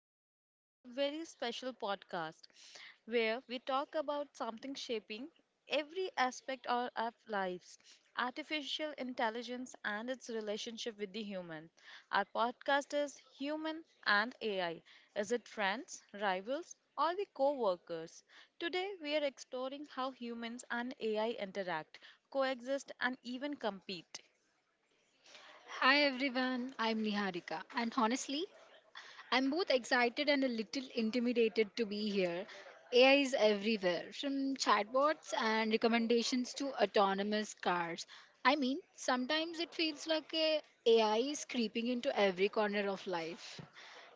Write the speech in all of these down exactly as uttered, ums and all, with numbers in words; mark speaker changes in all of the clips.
Speaker 1: and welcome to our very special podcast where we talk about something shaping every aspect of our lives artificial intelligence and its relationship with the human. Our podcast is Human and A I. Is it friends, rivals, or the co workers? Today, we are exploring how humans and A I interact, coexist, and even compete.
Speaker 2: Hi everyone, I'm Niharika, and honestly, I'm both excited and a little intimidated to be here. A I is everywhere, from chatbots and recommendations to autonomous cars. I mean, sometimes it feels like a AI is creeping into every corner of life.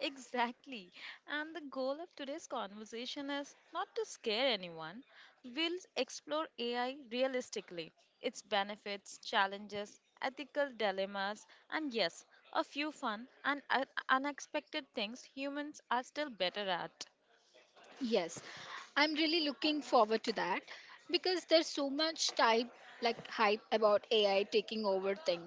Speaker 1: Exactly. And the goal of today's conversation is not to scare anyone. We'll explore A I realistically, its benefits, challenges, ethical dilemmas, and yes, a few fun and uh, unexpected things humans are still better at.
Speaker 2: Yes, I'm really looking forward to that because there's so much type like hype about A I taking over thing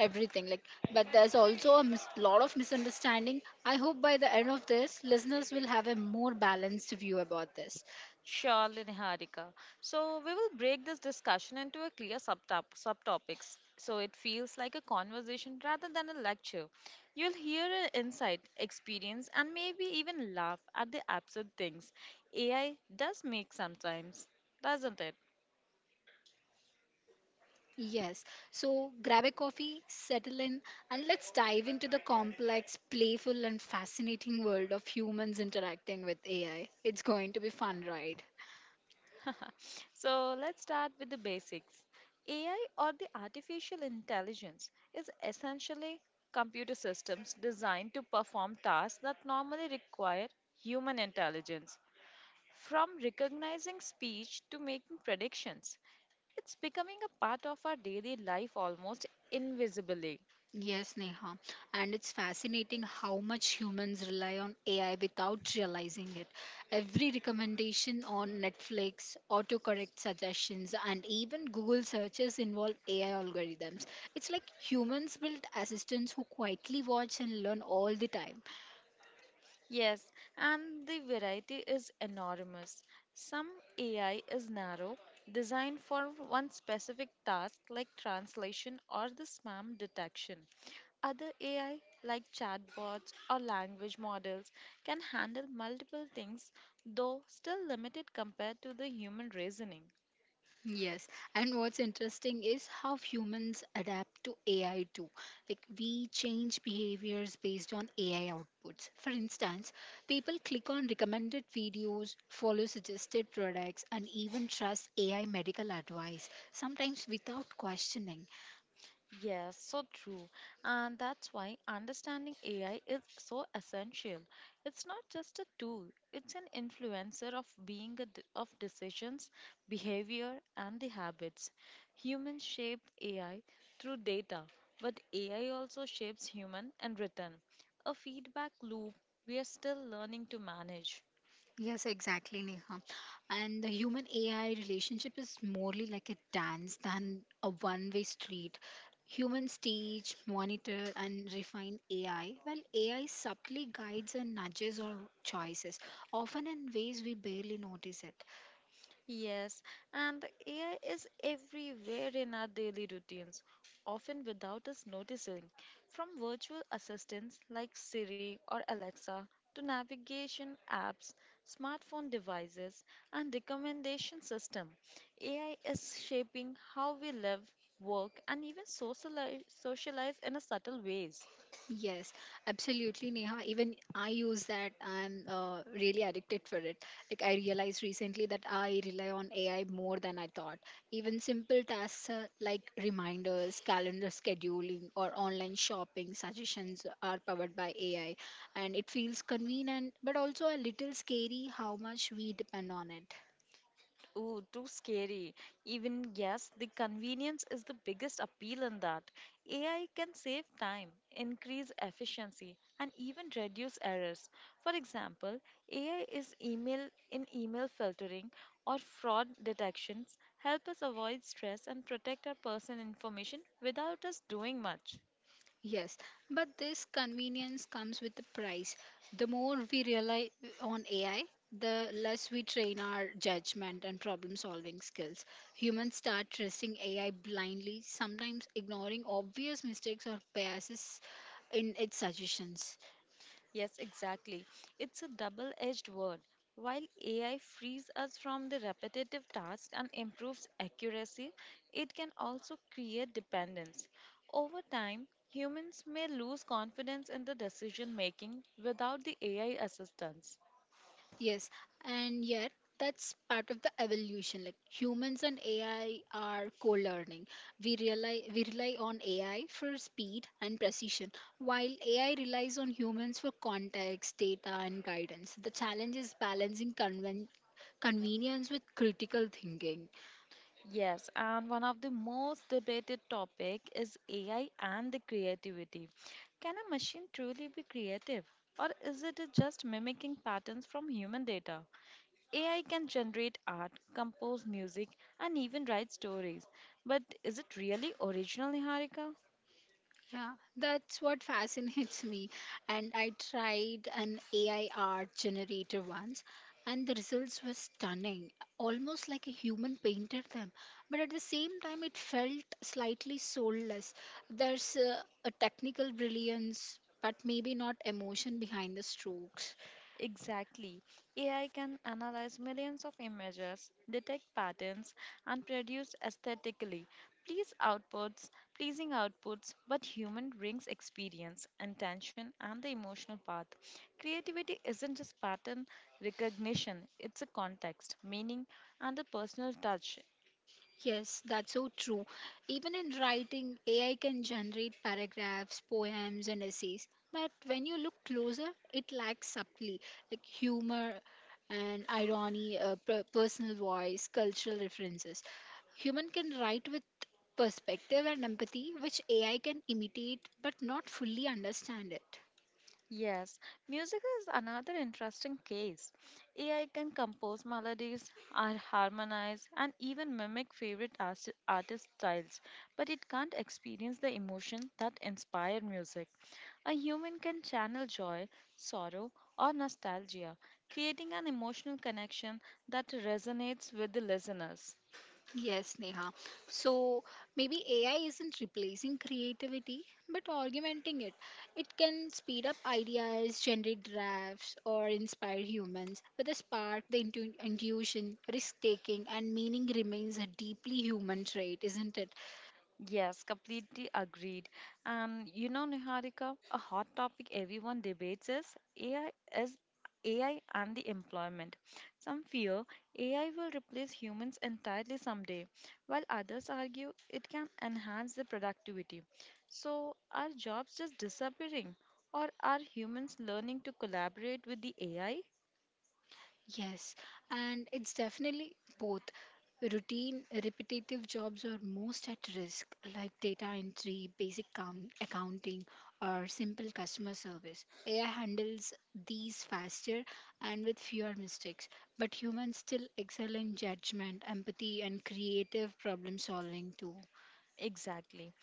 Speaker 2: everything like but there's also a mis- lot of misunderstanding. I hope by the end of this listeners will have a more balanced view about this.
Speaker 1: Surely, Niharika. So, we will break this discussion into a clear subtop- subtopics so it feels like a conversation rather than a lecture. You'll hear an insight, experience, and maybe even laugh at the absurd things A I does make sometimes, doesn't it?
Speaker 2: Yes. So grab a coffee, settle in and let's dive into the complex, playful and fascinating world of humans interacting with A I. It's going to be fun, right?
Speaker 1: So, let's start with the basics. A I or the artificial intelligence is essentially computer systems designed to perform tasks that normally require human intelligence. From recognizing speech to making predictions, it's becoming a part of our daily life almost invisibly.
Speaker 2: Yes, Neha. And it's fascinating how much humans rely on A I without realizing it. Every recommendation on Netflix, autocorrect suggestions, and even Google searches involve A I algorithms. It's like humans build assistants who quietly watch and learn all the time.
Speaker 1: Yes, and the variety is enormous. Some A I is narrow, designed for one specific task like translation or the spam detection. Other A I, like chatbots or language models, can handle multiple things, though still limited compared to the human reasoning.
Speaker 2: Yes, and what's interesting is how humans adapt to A I too. Like we change behaviors based on A I outputs. For instance, people click on recommended videos, follow suggested products, and even trust A I medical advice, sometimes without questioning.
Speaker 1: Yes, so true. And that's why understanding A I is so essential. It's not just a tool, it's an influencer of being a d of decisions, behavior, and the habits. Humans shape A I through data, but A I also shapes human and return, a feedback loop we are still learning to manage.
Speaker 2: Yes, exactly, Neha. And the human A I relationship is morely like a dance than a one way street. Humans teach, monitor, and refine A I, while A I subtly guides and nudges our choices, often in ways we barely notice it.
Speaker 1: Yes, and A I is everywhere in our daily routines, often without us noticing. From virtual assistants like Siri or Alexa to navigation apps, smartphone devices, and recommendation system, A I is shaping how we live, work, and even socialize, socialize in a subtle ways.
Speaker 2: Yes, absolutely, Neha. Even I use that. I'm uh, really addicted for it. Like I realized recently that I rely on A I more than I thought. Even simple tasks uh, like reminders, calendar scheduling, or online shopping suggestions are powered by A I, and it feels convenient, but also a little scary how much we depend on it.
Speaker 1: Ooh, too scary. Even yes, the convenience is the biggest appeal in that. A I can save time, increase efficiency, and even reduce errors. For example, A I is email in email filtering or fraud detections help us avoid stress and protect our personal information without us doing much.
Speaker 2: Yes, but this convenience comes with a price. The more we rely on A I, the less we train our judgment and problem solving skills. Humans start trusting A I blindly, sometimes ignoring obvious mistakes or biases in its suggestions.
Speaker 1: Yes, exactly. It's a double edged word. While A I frees us from the repetitive tasks and improves accuracy, it can also create dependence. Over time, humans may lose confidence in the decision making without the A I assistance.
Speaker 2: Yes, and yet that's part of the evolution. Like humans and A I are co-learning. We rely we rely on A I for speed and precision, while A I relies on humans for context, data, and guidance. The challenge is balancing conven- convenience with critical thinking.
Speaker 1: Yes, and one of the most debated topic is A I and the creativity. Can a machine truly be creative or is it just mimicking patterns from human data? A I can generate art, compose music, and even write stories. But is it really original, Niharika?
Speaker 2: Yeah, that's what fascinates me. And I tried an A I art generator once, and the results were stunning, almost like a human painted them. But at the same time, it felt slightly soulless. There's a, a technical brilliance, but maybe not emotion behind the strokes.
Speaker 1: Exactly. A I can analyze millions of images, detect patterns, and produce aesthetically please outputs, pleasing outputs, but human brings experience, intention, and the emotional path. Creativity isn't just pattern recognition, it's a context, meaning, and a personal touch.
Speaker 2: Yes, that's so true. Even in writing, A I can generate paragraphs, poems, and essays. But when you look closer, it lacks subtly, like humor and irony, uh, per- personal voice, cultural references. Human can write with perspective and empathy, which A I can imitate but not fully understand it.
Speaker 1: Yes, music is another interesting case. A I can compose melodies, ar- harmonize, and even mimic favorite arti- artist styles, but it can't experience the emotion that inspire music. A human can channel joy, sorrow, or nostalgia, creating an emotional connection that resonates with the listeners.
Speaker 2: Yes, Neha. So maybe A I isn't replacing creativity, but augmenting it. It can speed up ideas, generate drafts, or inspire humans. But the spark, the intu- intuition, risk taking, and meaning remains a deeply human trait, isn't it?
Speaker 1: Yes, completely agreed. And you know, Niharika, a hot topic everyone debates is A I is A I and the employment. Some fear A I will replace humans entirely someday, while others argue it can enhance the productivity. So, are jobs just disappearing, or are humans learning to collaborate with the A I?
Speaker 2: Yes, and it's definitely both. Routine, repetitive jobs are most at risk, like data entry, basic count, accounting, or simple customer service. A I handles these faster and with fewer mistakes, but humans still excel in judgment, empathy, and creative problem solving too.
Speaker 1: Exactly.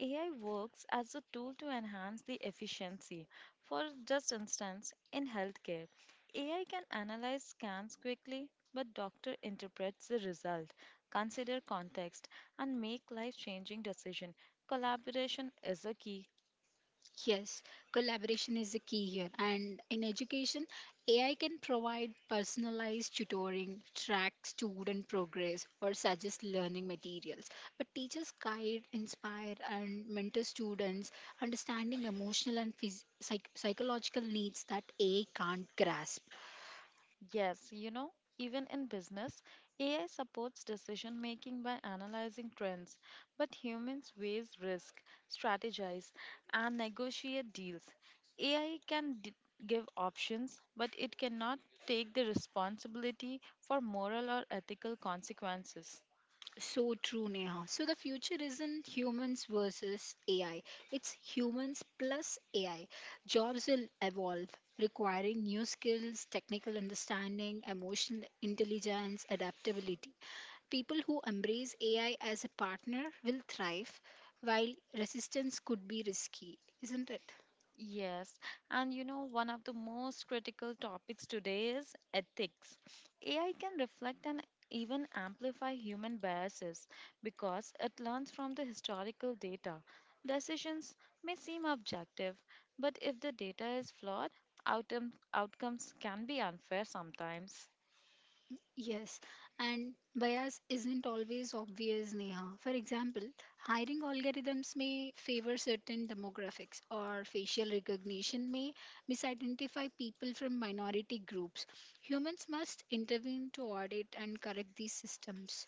Speaker 1: A I works as a tool to enhance the efficiency. For just instance, in healthcare, A I can analyze scans quickly, but doctor interprets the result, consider context, and make life-changing decision. Collaboration is a key.
Speaker 2: Yes, collaboration is the key here. And in education, A I can provide personalized tutoring, track student progress, or suggest learning materials. But teachers guide, inspire, and mentor students, understanding emotional and phys- psych- psychological needs that A I can't grasp.
Speaker 1: Yes, you know, even in business, A I supports decision making by analyzing trends, but humans weigh risk, strategize, and negotiate deals. A I can d- give options, but it cannot take the responsibility for moral or ethical consequences.
Speaker 2: So true, Neha. So the future isn't humans versus A I, it's humans plus A I. Jobs will evolve, requiring new skills, technical understanding, emotional intelligence, adaptability. People who embrace A I as a partner will thrive, while resistance could be risky, isn't it?
Speaker 1: Yes, and you know, one of the most critical topics today is ethics. A I can reflect and even amplify human biases because it learns from the historical data. Decisions may seem objective, but if the data is flawed, outcome, outcomes can be unfair sometimes.
Speaker 2: Yes, and bias isn't always obvious, Neha. For example, hiring algorithms may favor certain demographics, or facial recognition may misidentify people from minority groups. Humans must intervene to audit and correct these systems.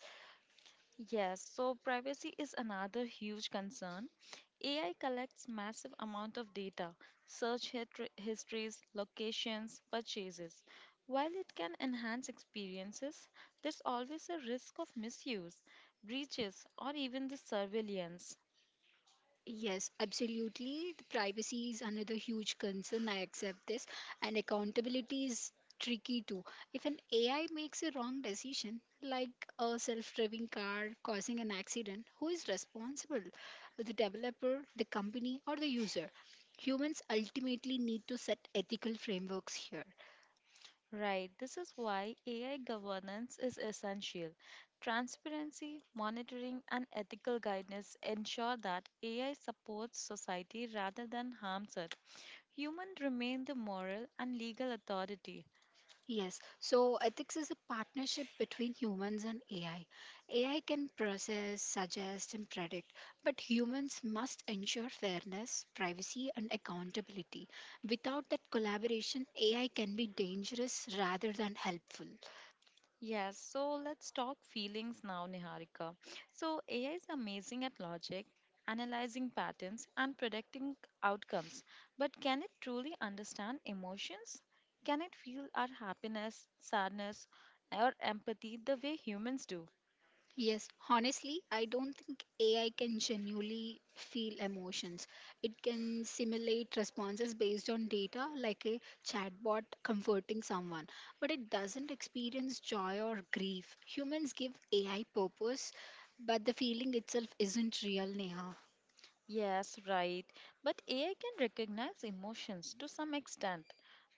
Speaker 1: Yes, so privacy is another huge concern. A I collects massive amount of data, search hitri- histories, locations, purchases. While it can enhance experiences, there's always a risk of misuse, breaches, or even the surveillance.
Speaker 2: Yes, absolutely. The privacy is another huge concern. I accept this. And accountability is tricky too. If an A I makes a wrong decision, like a self driving car causing an accident, who is responsible? The developer, the company, or the user? Humans ultimately need to set ethical frameworks here.
Speaker 1: Right, this is why A I governance is essential. Transparency, monitoring, and ethical guidance ensure that A I supports society rather than harms it. Humans remain the moral and legal authority.
Speaker 2: Yes, so ethics is a partnership between humans and A I. A I can process, suggest, and predict, but humans must ensure fairness, privacy, and accountability. Without that collaboration, A I can be dangerous rather than helpful.
Speaker 1: Yes, so let's talk feelings now, Niharika. So, A I is amazing at logic, analyzing patterns, and predicting outcomes. But can it truly understand emotions? Can it feel our happiness, sadness, or empathy the way humans do?
Speaker 2: Yes, honestly, I don't think A I can genuinely feel emotions. It can simulate responses based on data, like a chatbot comforting someone, but it doesn't experience joy or grief. Humans give A I purpose, but the feeling itself isn't real, Neha.
Speaker 1: Yes, right. But A I can recognize emotions to some extent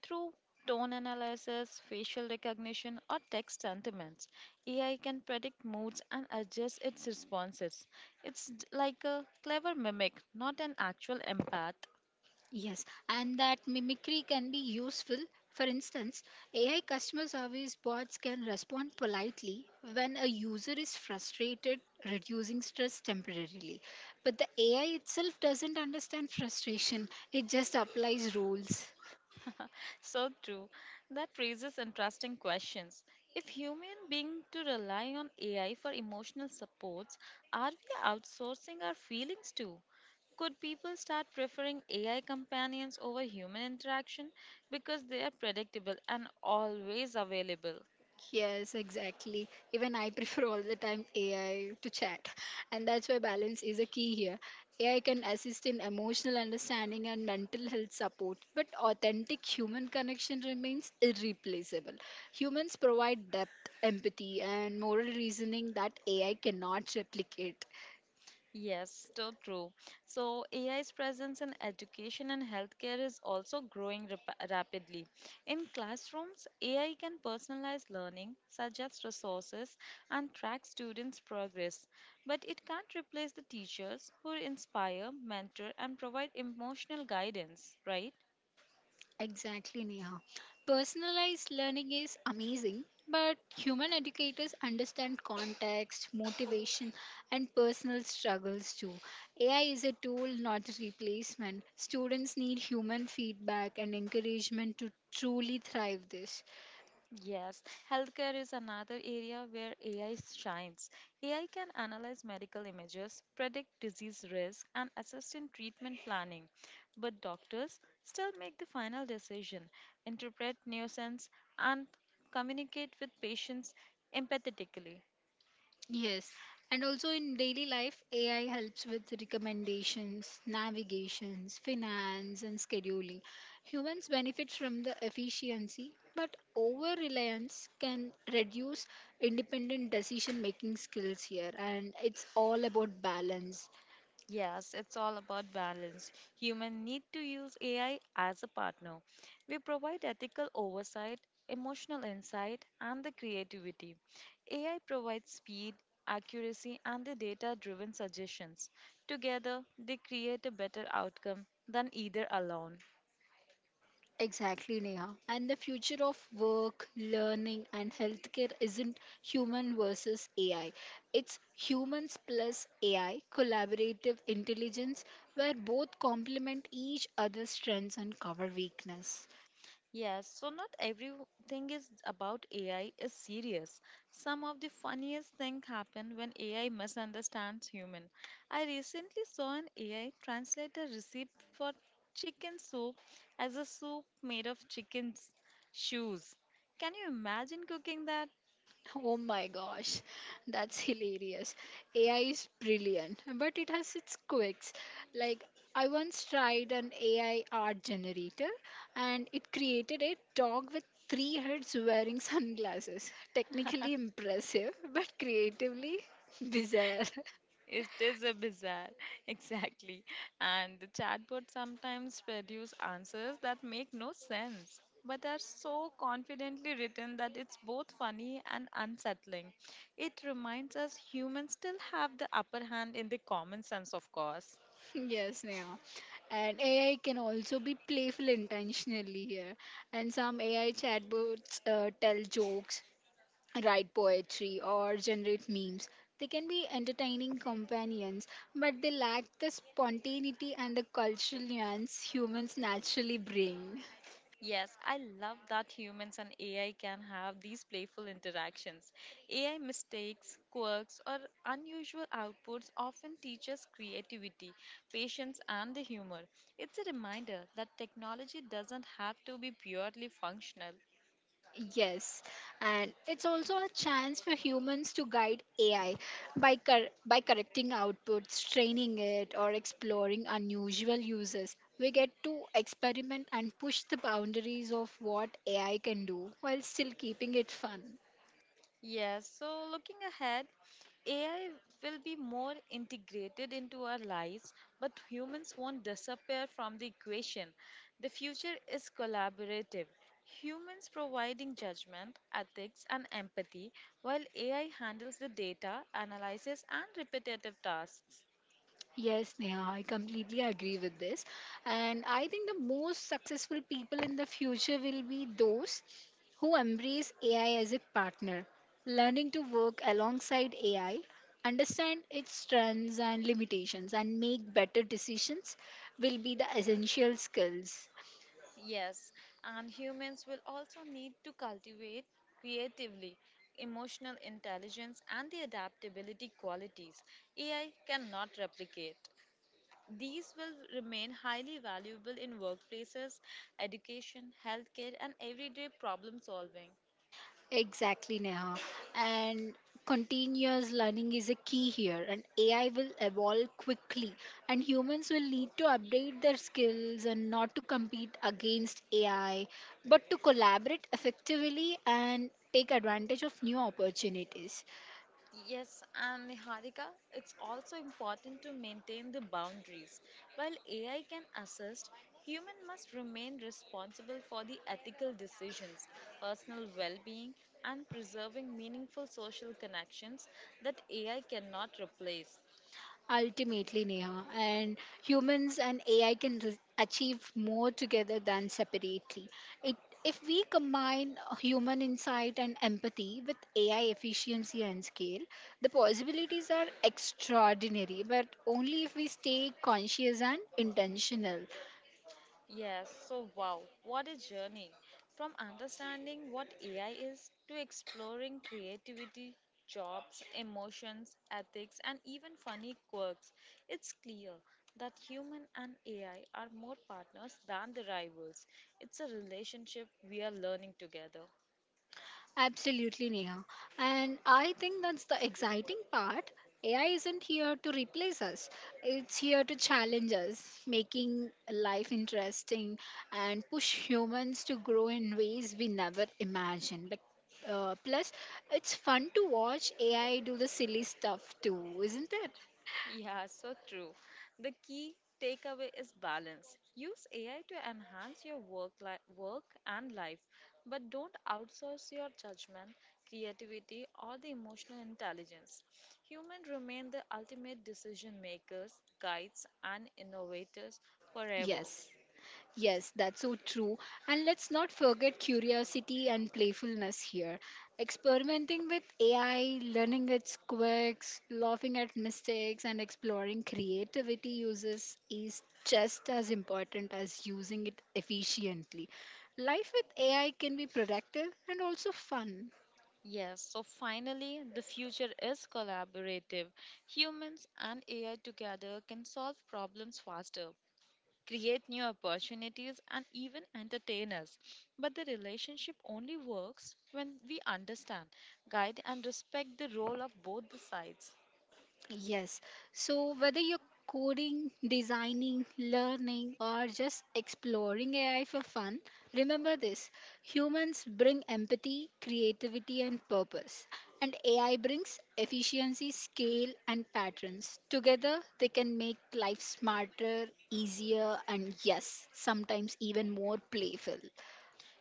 Speaker 1: through tone analysis, facial recognition, or text sentiments. A I can predict moods and adjust its responses. It's d- like a clever mimic, not an actual empath.
Speaker 2: Yes, and that mimicry can be useful. For instance, A I customer service bots can respond politely when a user is frustrated, reducing stress temporarily. But the A I itself doesn't understand frustration, it just applies rules.
Speaker 1: So true. That raises interesting questions. If human being to rely on A I for emotional supports, are we outsourcing our feelings too? Could people start preferring A I companions over human interaction because they are predictable and always available?
Speaker 2: Yes, exactly. Even I prefer all the time A I to chat. And that's why balance is a key here. A I can assist in emotional understanding and mental health support, but authentic human connection remains irreplaceable. Humans provide depth, empathy, and moral reasoning that A I cannot replicate.
Speaker 1: Yes, so true. So A I's presence in education and healthcare is also growing rap- rapidly. In classrooms, A I can personalize learning, suggest resources, and track students' progress. But it can't replace the teachers who inspire, mentor, and provide emotional guidance, right?
Speaker 2: Exactly, Neha. Personalized learning is amazing, but human educators understand context, motivation, and personal struggles too. A I is a tool, not a replacement. Students need human feedback and encouragement to truly thrive this.
Speaker 1: Yes, healthcare is another area where A I shines. A I can analyze medical images, predict disease risk, and assist in treatment planning. But doctors still make the final decision, interpret nuisance, and communicate with patients empathetically.
Speaker 2: Yes, and also in daily life, A I helps with recommendations, navigations, finance, and scheduling. Humans benefit from the efficiency, but over reliance can reduce independent decision making skills here, and it's all about balance.
Speaker 1: Yes, it's all about balance. Human need to use A I as a partner. We provide ethical oversight, emotional insight, and the creativity. A I provides speed, accuracy, and the data-driven suggestions. Together, they create a better outcome than either alone.
Speaker 2: Exactly, Neha. And the future of work, learning, and healthcare isn't human versus A I. It's humans plus A I, collaborative intelligence, where both complement each other's strengths and cover weakness.
Speaker 1: Yes, so not everything is about A I is serious. Some of the funniest things happen when A I misunderstands human. I recently saw an A I translate a recipe for chicken soup as a soup made of chicken's shoes. Can you imagine cooking that?
Speaker 2: Oh my gosh, that's hilarious. A I is brilliant, but it has its quirks. Like, I once tried an A I art generator and it created a dog with three heads wearing sunglasses. Technically impressive, but creatively bizarre.
Speaker 1: It is a bizarre, exactly. And the chatbot sometimes produce answers that make no sense, but are so confidently written that it's both funny and unsettling. It reminds us humans still have the upper hand in the common sense, of course.
Speaker 2: Yes, now. And A I can also be playful intentionally here. And some A I chatbots uh, tell jokes, write poetry or generate memes. They can be entertaining companions, but they lack the spontaneity and the cultural nuance humans naturally bring.
Speaker 1: Yes, I love that humans and A I can have these playful interactions. A I mistakes, quirks, or unusual outputs often teach us creativity, patience, and the humor. It's a reminder that technology doesn't have to be purely functional.
Speaker 2: Yes, and it's also a chance for humans to guide A I by cor- by correcting outputs, training it, or exploring unusual uses. We get to experiment and push the boundaries of what A I can do while still keeping it fun.
Speaker 1: Yes, so looking ahead, A I will be more integrated into our lives, but humans won't disappear from the equation. The future is collaborative. Humans providing judgment, ethics, and empathy, while A I handles the data, analysis, and repetitive tasks.
Speaker 2: Yes, Neha, I completely agree with this. And I think the most successful people in the future will be those who embrace A I as a partner, learning to work alongside A I, understand its strengths and limitations, and make better decisions will be the essential skills.
Speaker 1: Yes, and humans will also need to cultivate creatively emotional intelligence and the adaptability qualities A I cannot replicate. These will remain highly valuable in workplaces, education, healthcare, and everyday problem solving.
Speaker 2: Exactly, Neha. And continuous learning is a key here, and A I will evolve quickly, and humans will need to update their skills and not to compete against A I, but to collaborate effectively and take advantage of new opportunities.
Speaker 1: Yes, and Niharika, it's also important to maintain the boundaries. While A I can assist, human must remain responsible for the ethical decisions, personal well-being, and preserving meaningful social connections that A I cannot replace.
Speaker 2: Ultimately, Neha, and humans and A I can re- achieve more together than separately. It, if we combine human insight and empathy with A I efficiency and scale, the possibilities are extraordinary, but only if we stay conscious and intentional.
Speaker 1: Yes, so wow, what a journey. From understanding what A I is to exploring creativity, jobs, emotions, ethics, and even funny quirks, it's clear that human and A I are more partners than the rivals. It's a relationship we are learning together.
Speaker 2: Absolutely, Neha. And I think that's the exciting part. A I isn't here to replace us, it's here to challenge us, making life interesting and push humans to grow in ways we never imagined. Like, uh, plus, it's fun to watch A I do the silly stuff too, isn't it?
Speaker 1: Yeah, so true. The key takeaway is balance. Use A I to enhance your work li- work and life, but don't outsource your judgment, creativity, or the emotional intelligence. Humans remain the ultimate decision makers, guides, and innovators forever.
Speaker 2: Yes. Yes, that's so true. And let's not forget curiosity and playfulness here. Experimenting with A I, learning its quirks, laughing at mistakes, and exploring creativity uses is just as important as using it efficiently. Life with A I can be productive and also fun.
Speaker 1: Yes, so finally, the future is collaborative. Humans and A I together can solve problems faster, create new opportunities, and even entertain us. But the relationship only works when we understand, guide, and respect the role of both the sides.
Speaker 2: Yes. So whether you're coding, designing, learning, or just exploring A I for fun, remember this humans bring empathy, creativity, and purpose. And A I brings efficiency, scale, and patterns. Together, they can make life smarter, easier, and yes, sometimes even more playful.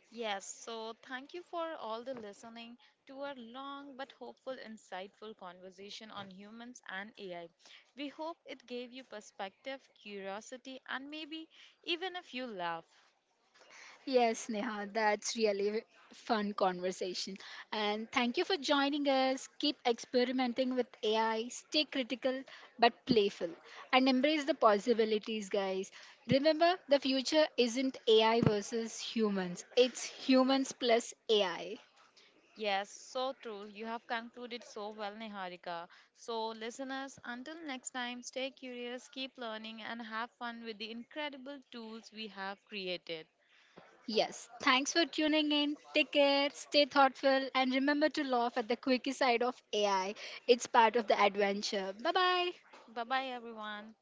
Speaker 1: Yes, so thank you for all the listening to our long but hopeful, insightful conversation on humans and A I. We hope it gave you perspective, curiosity, and maybe even a few laugh.
Speaker 2: Yes, Neha, that's really a fun conversation. And thank you for joining us. Keep experimenting with A I, stay critical but playful, and embrace the possibilities, guys. Remember, the future isn't A I versus humans, it's humans plus A I.
Speaker 1: Yes, so true. You have concluded so well, Niharika. So, listeners, until next time, stay curious, keep learning, and have fun with the incredible tools we have created.
Speaker 2: Yes, thanks for tuning in. Take care, stay thoughtful, and remember to laugh at the quirky side of A I. It's part of the adventure. Bye bye.
Speaker 1: Bye bye, everyone.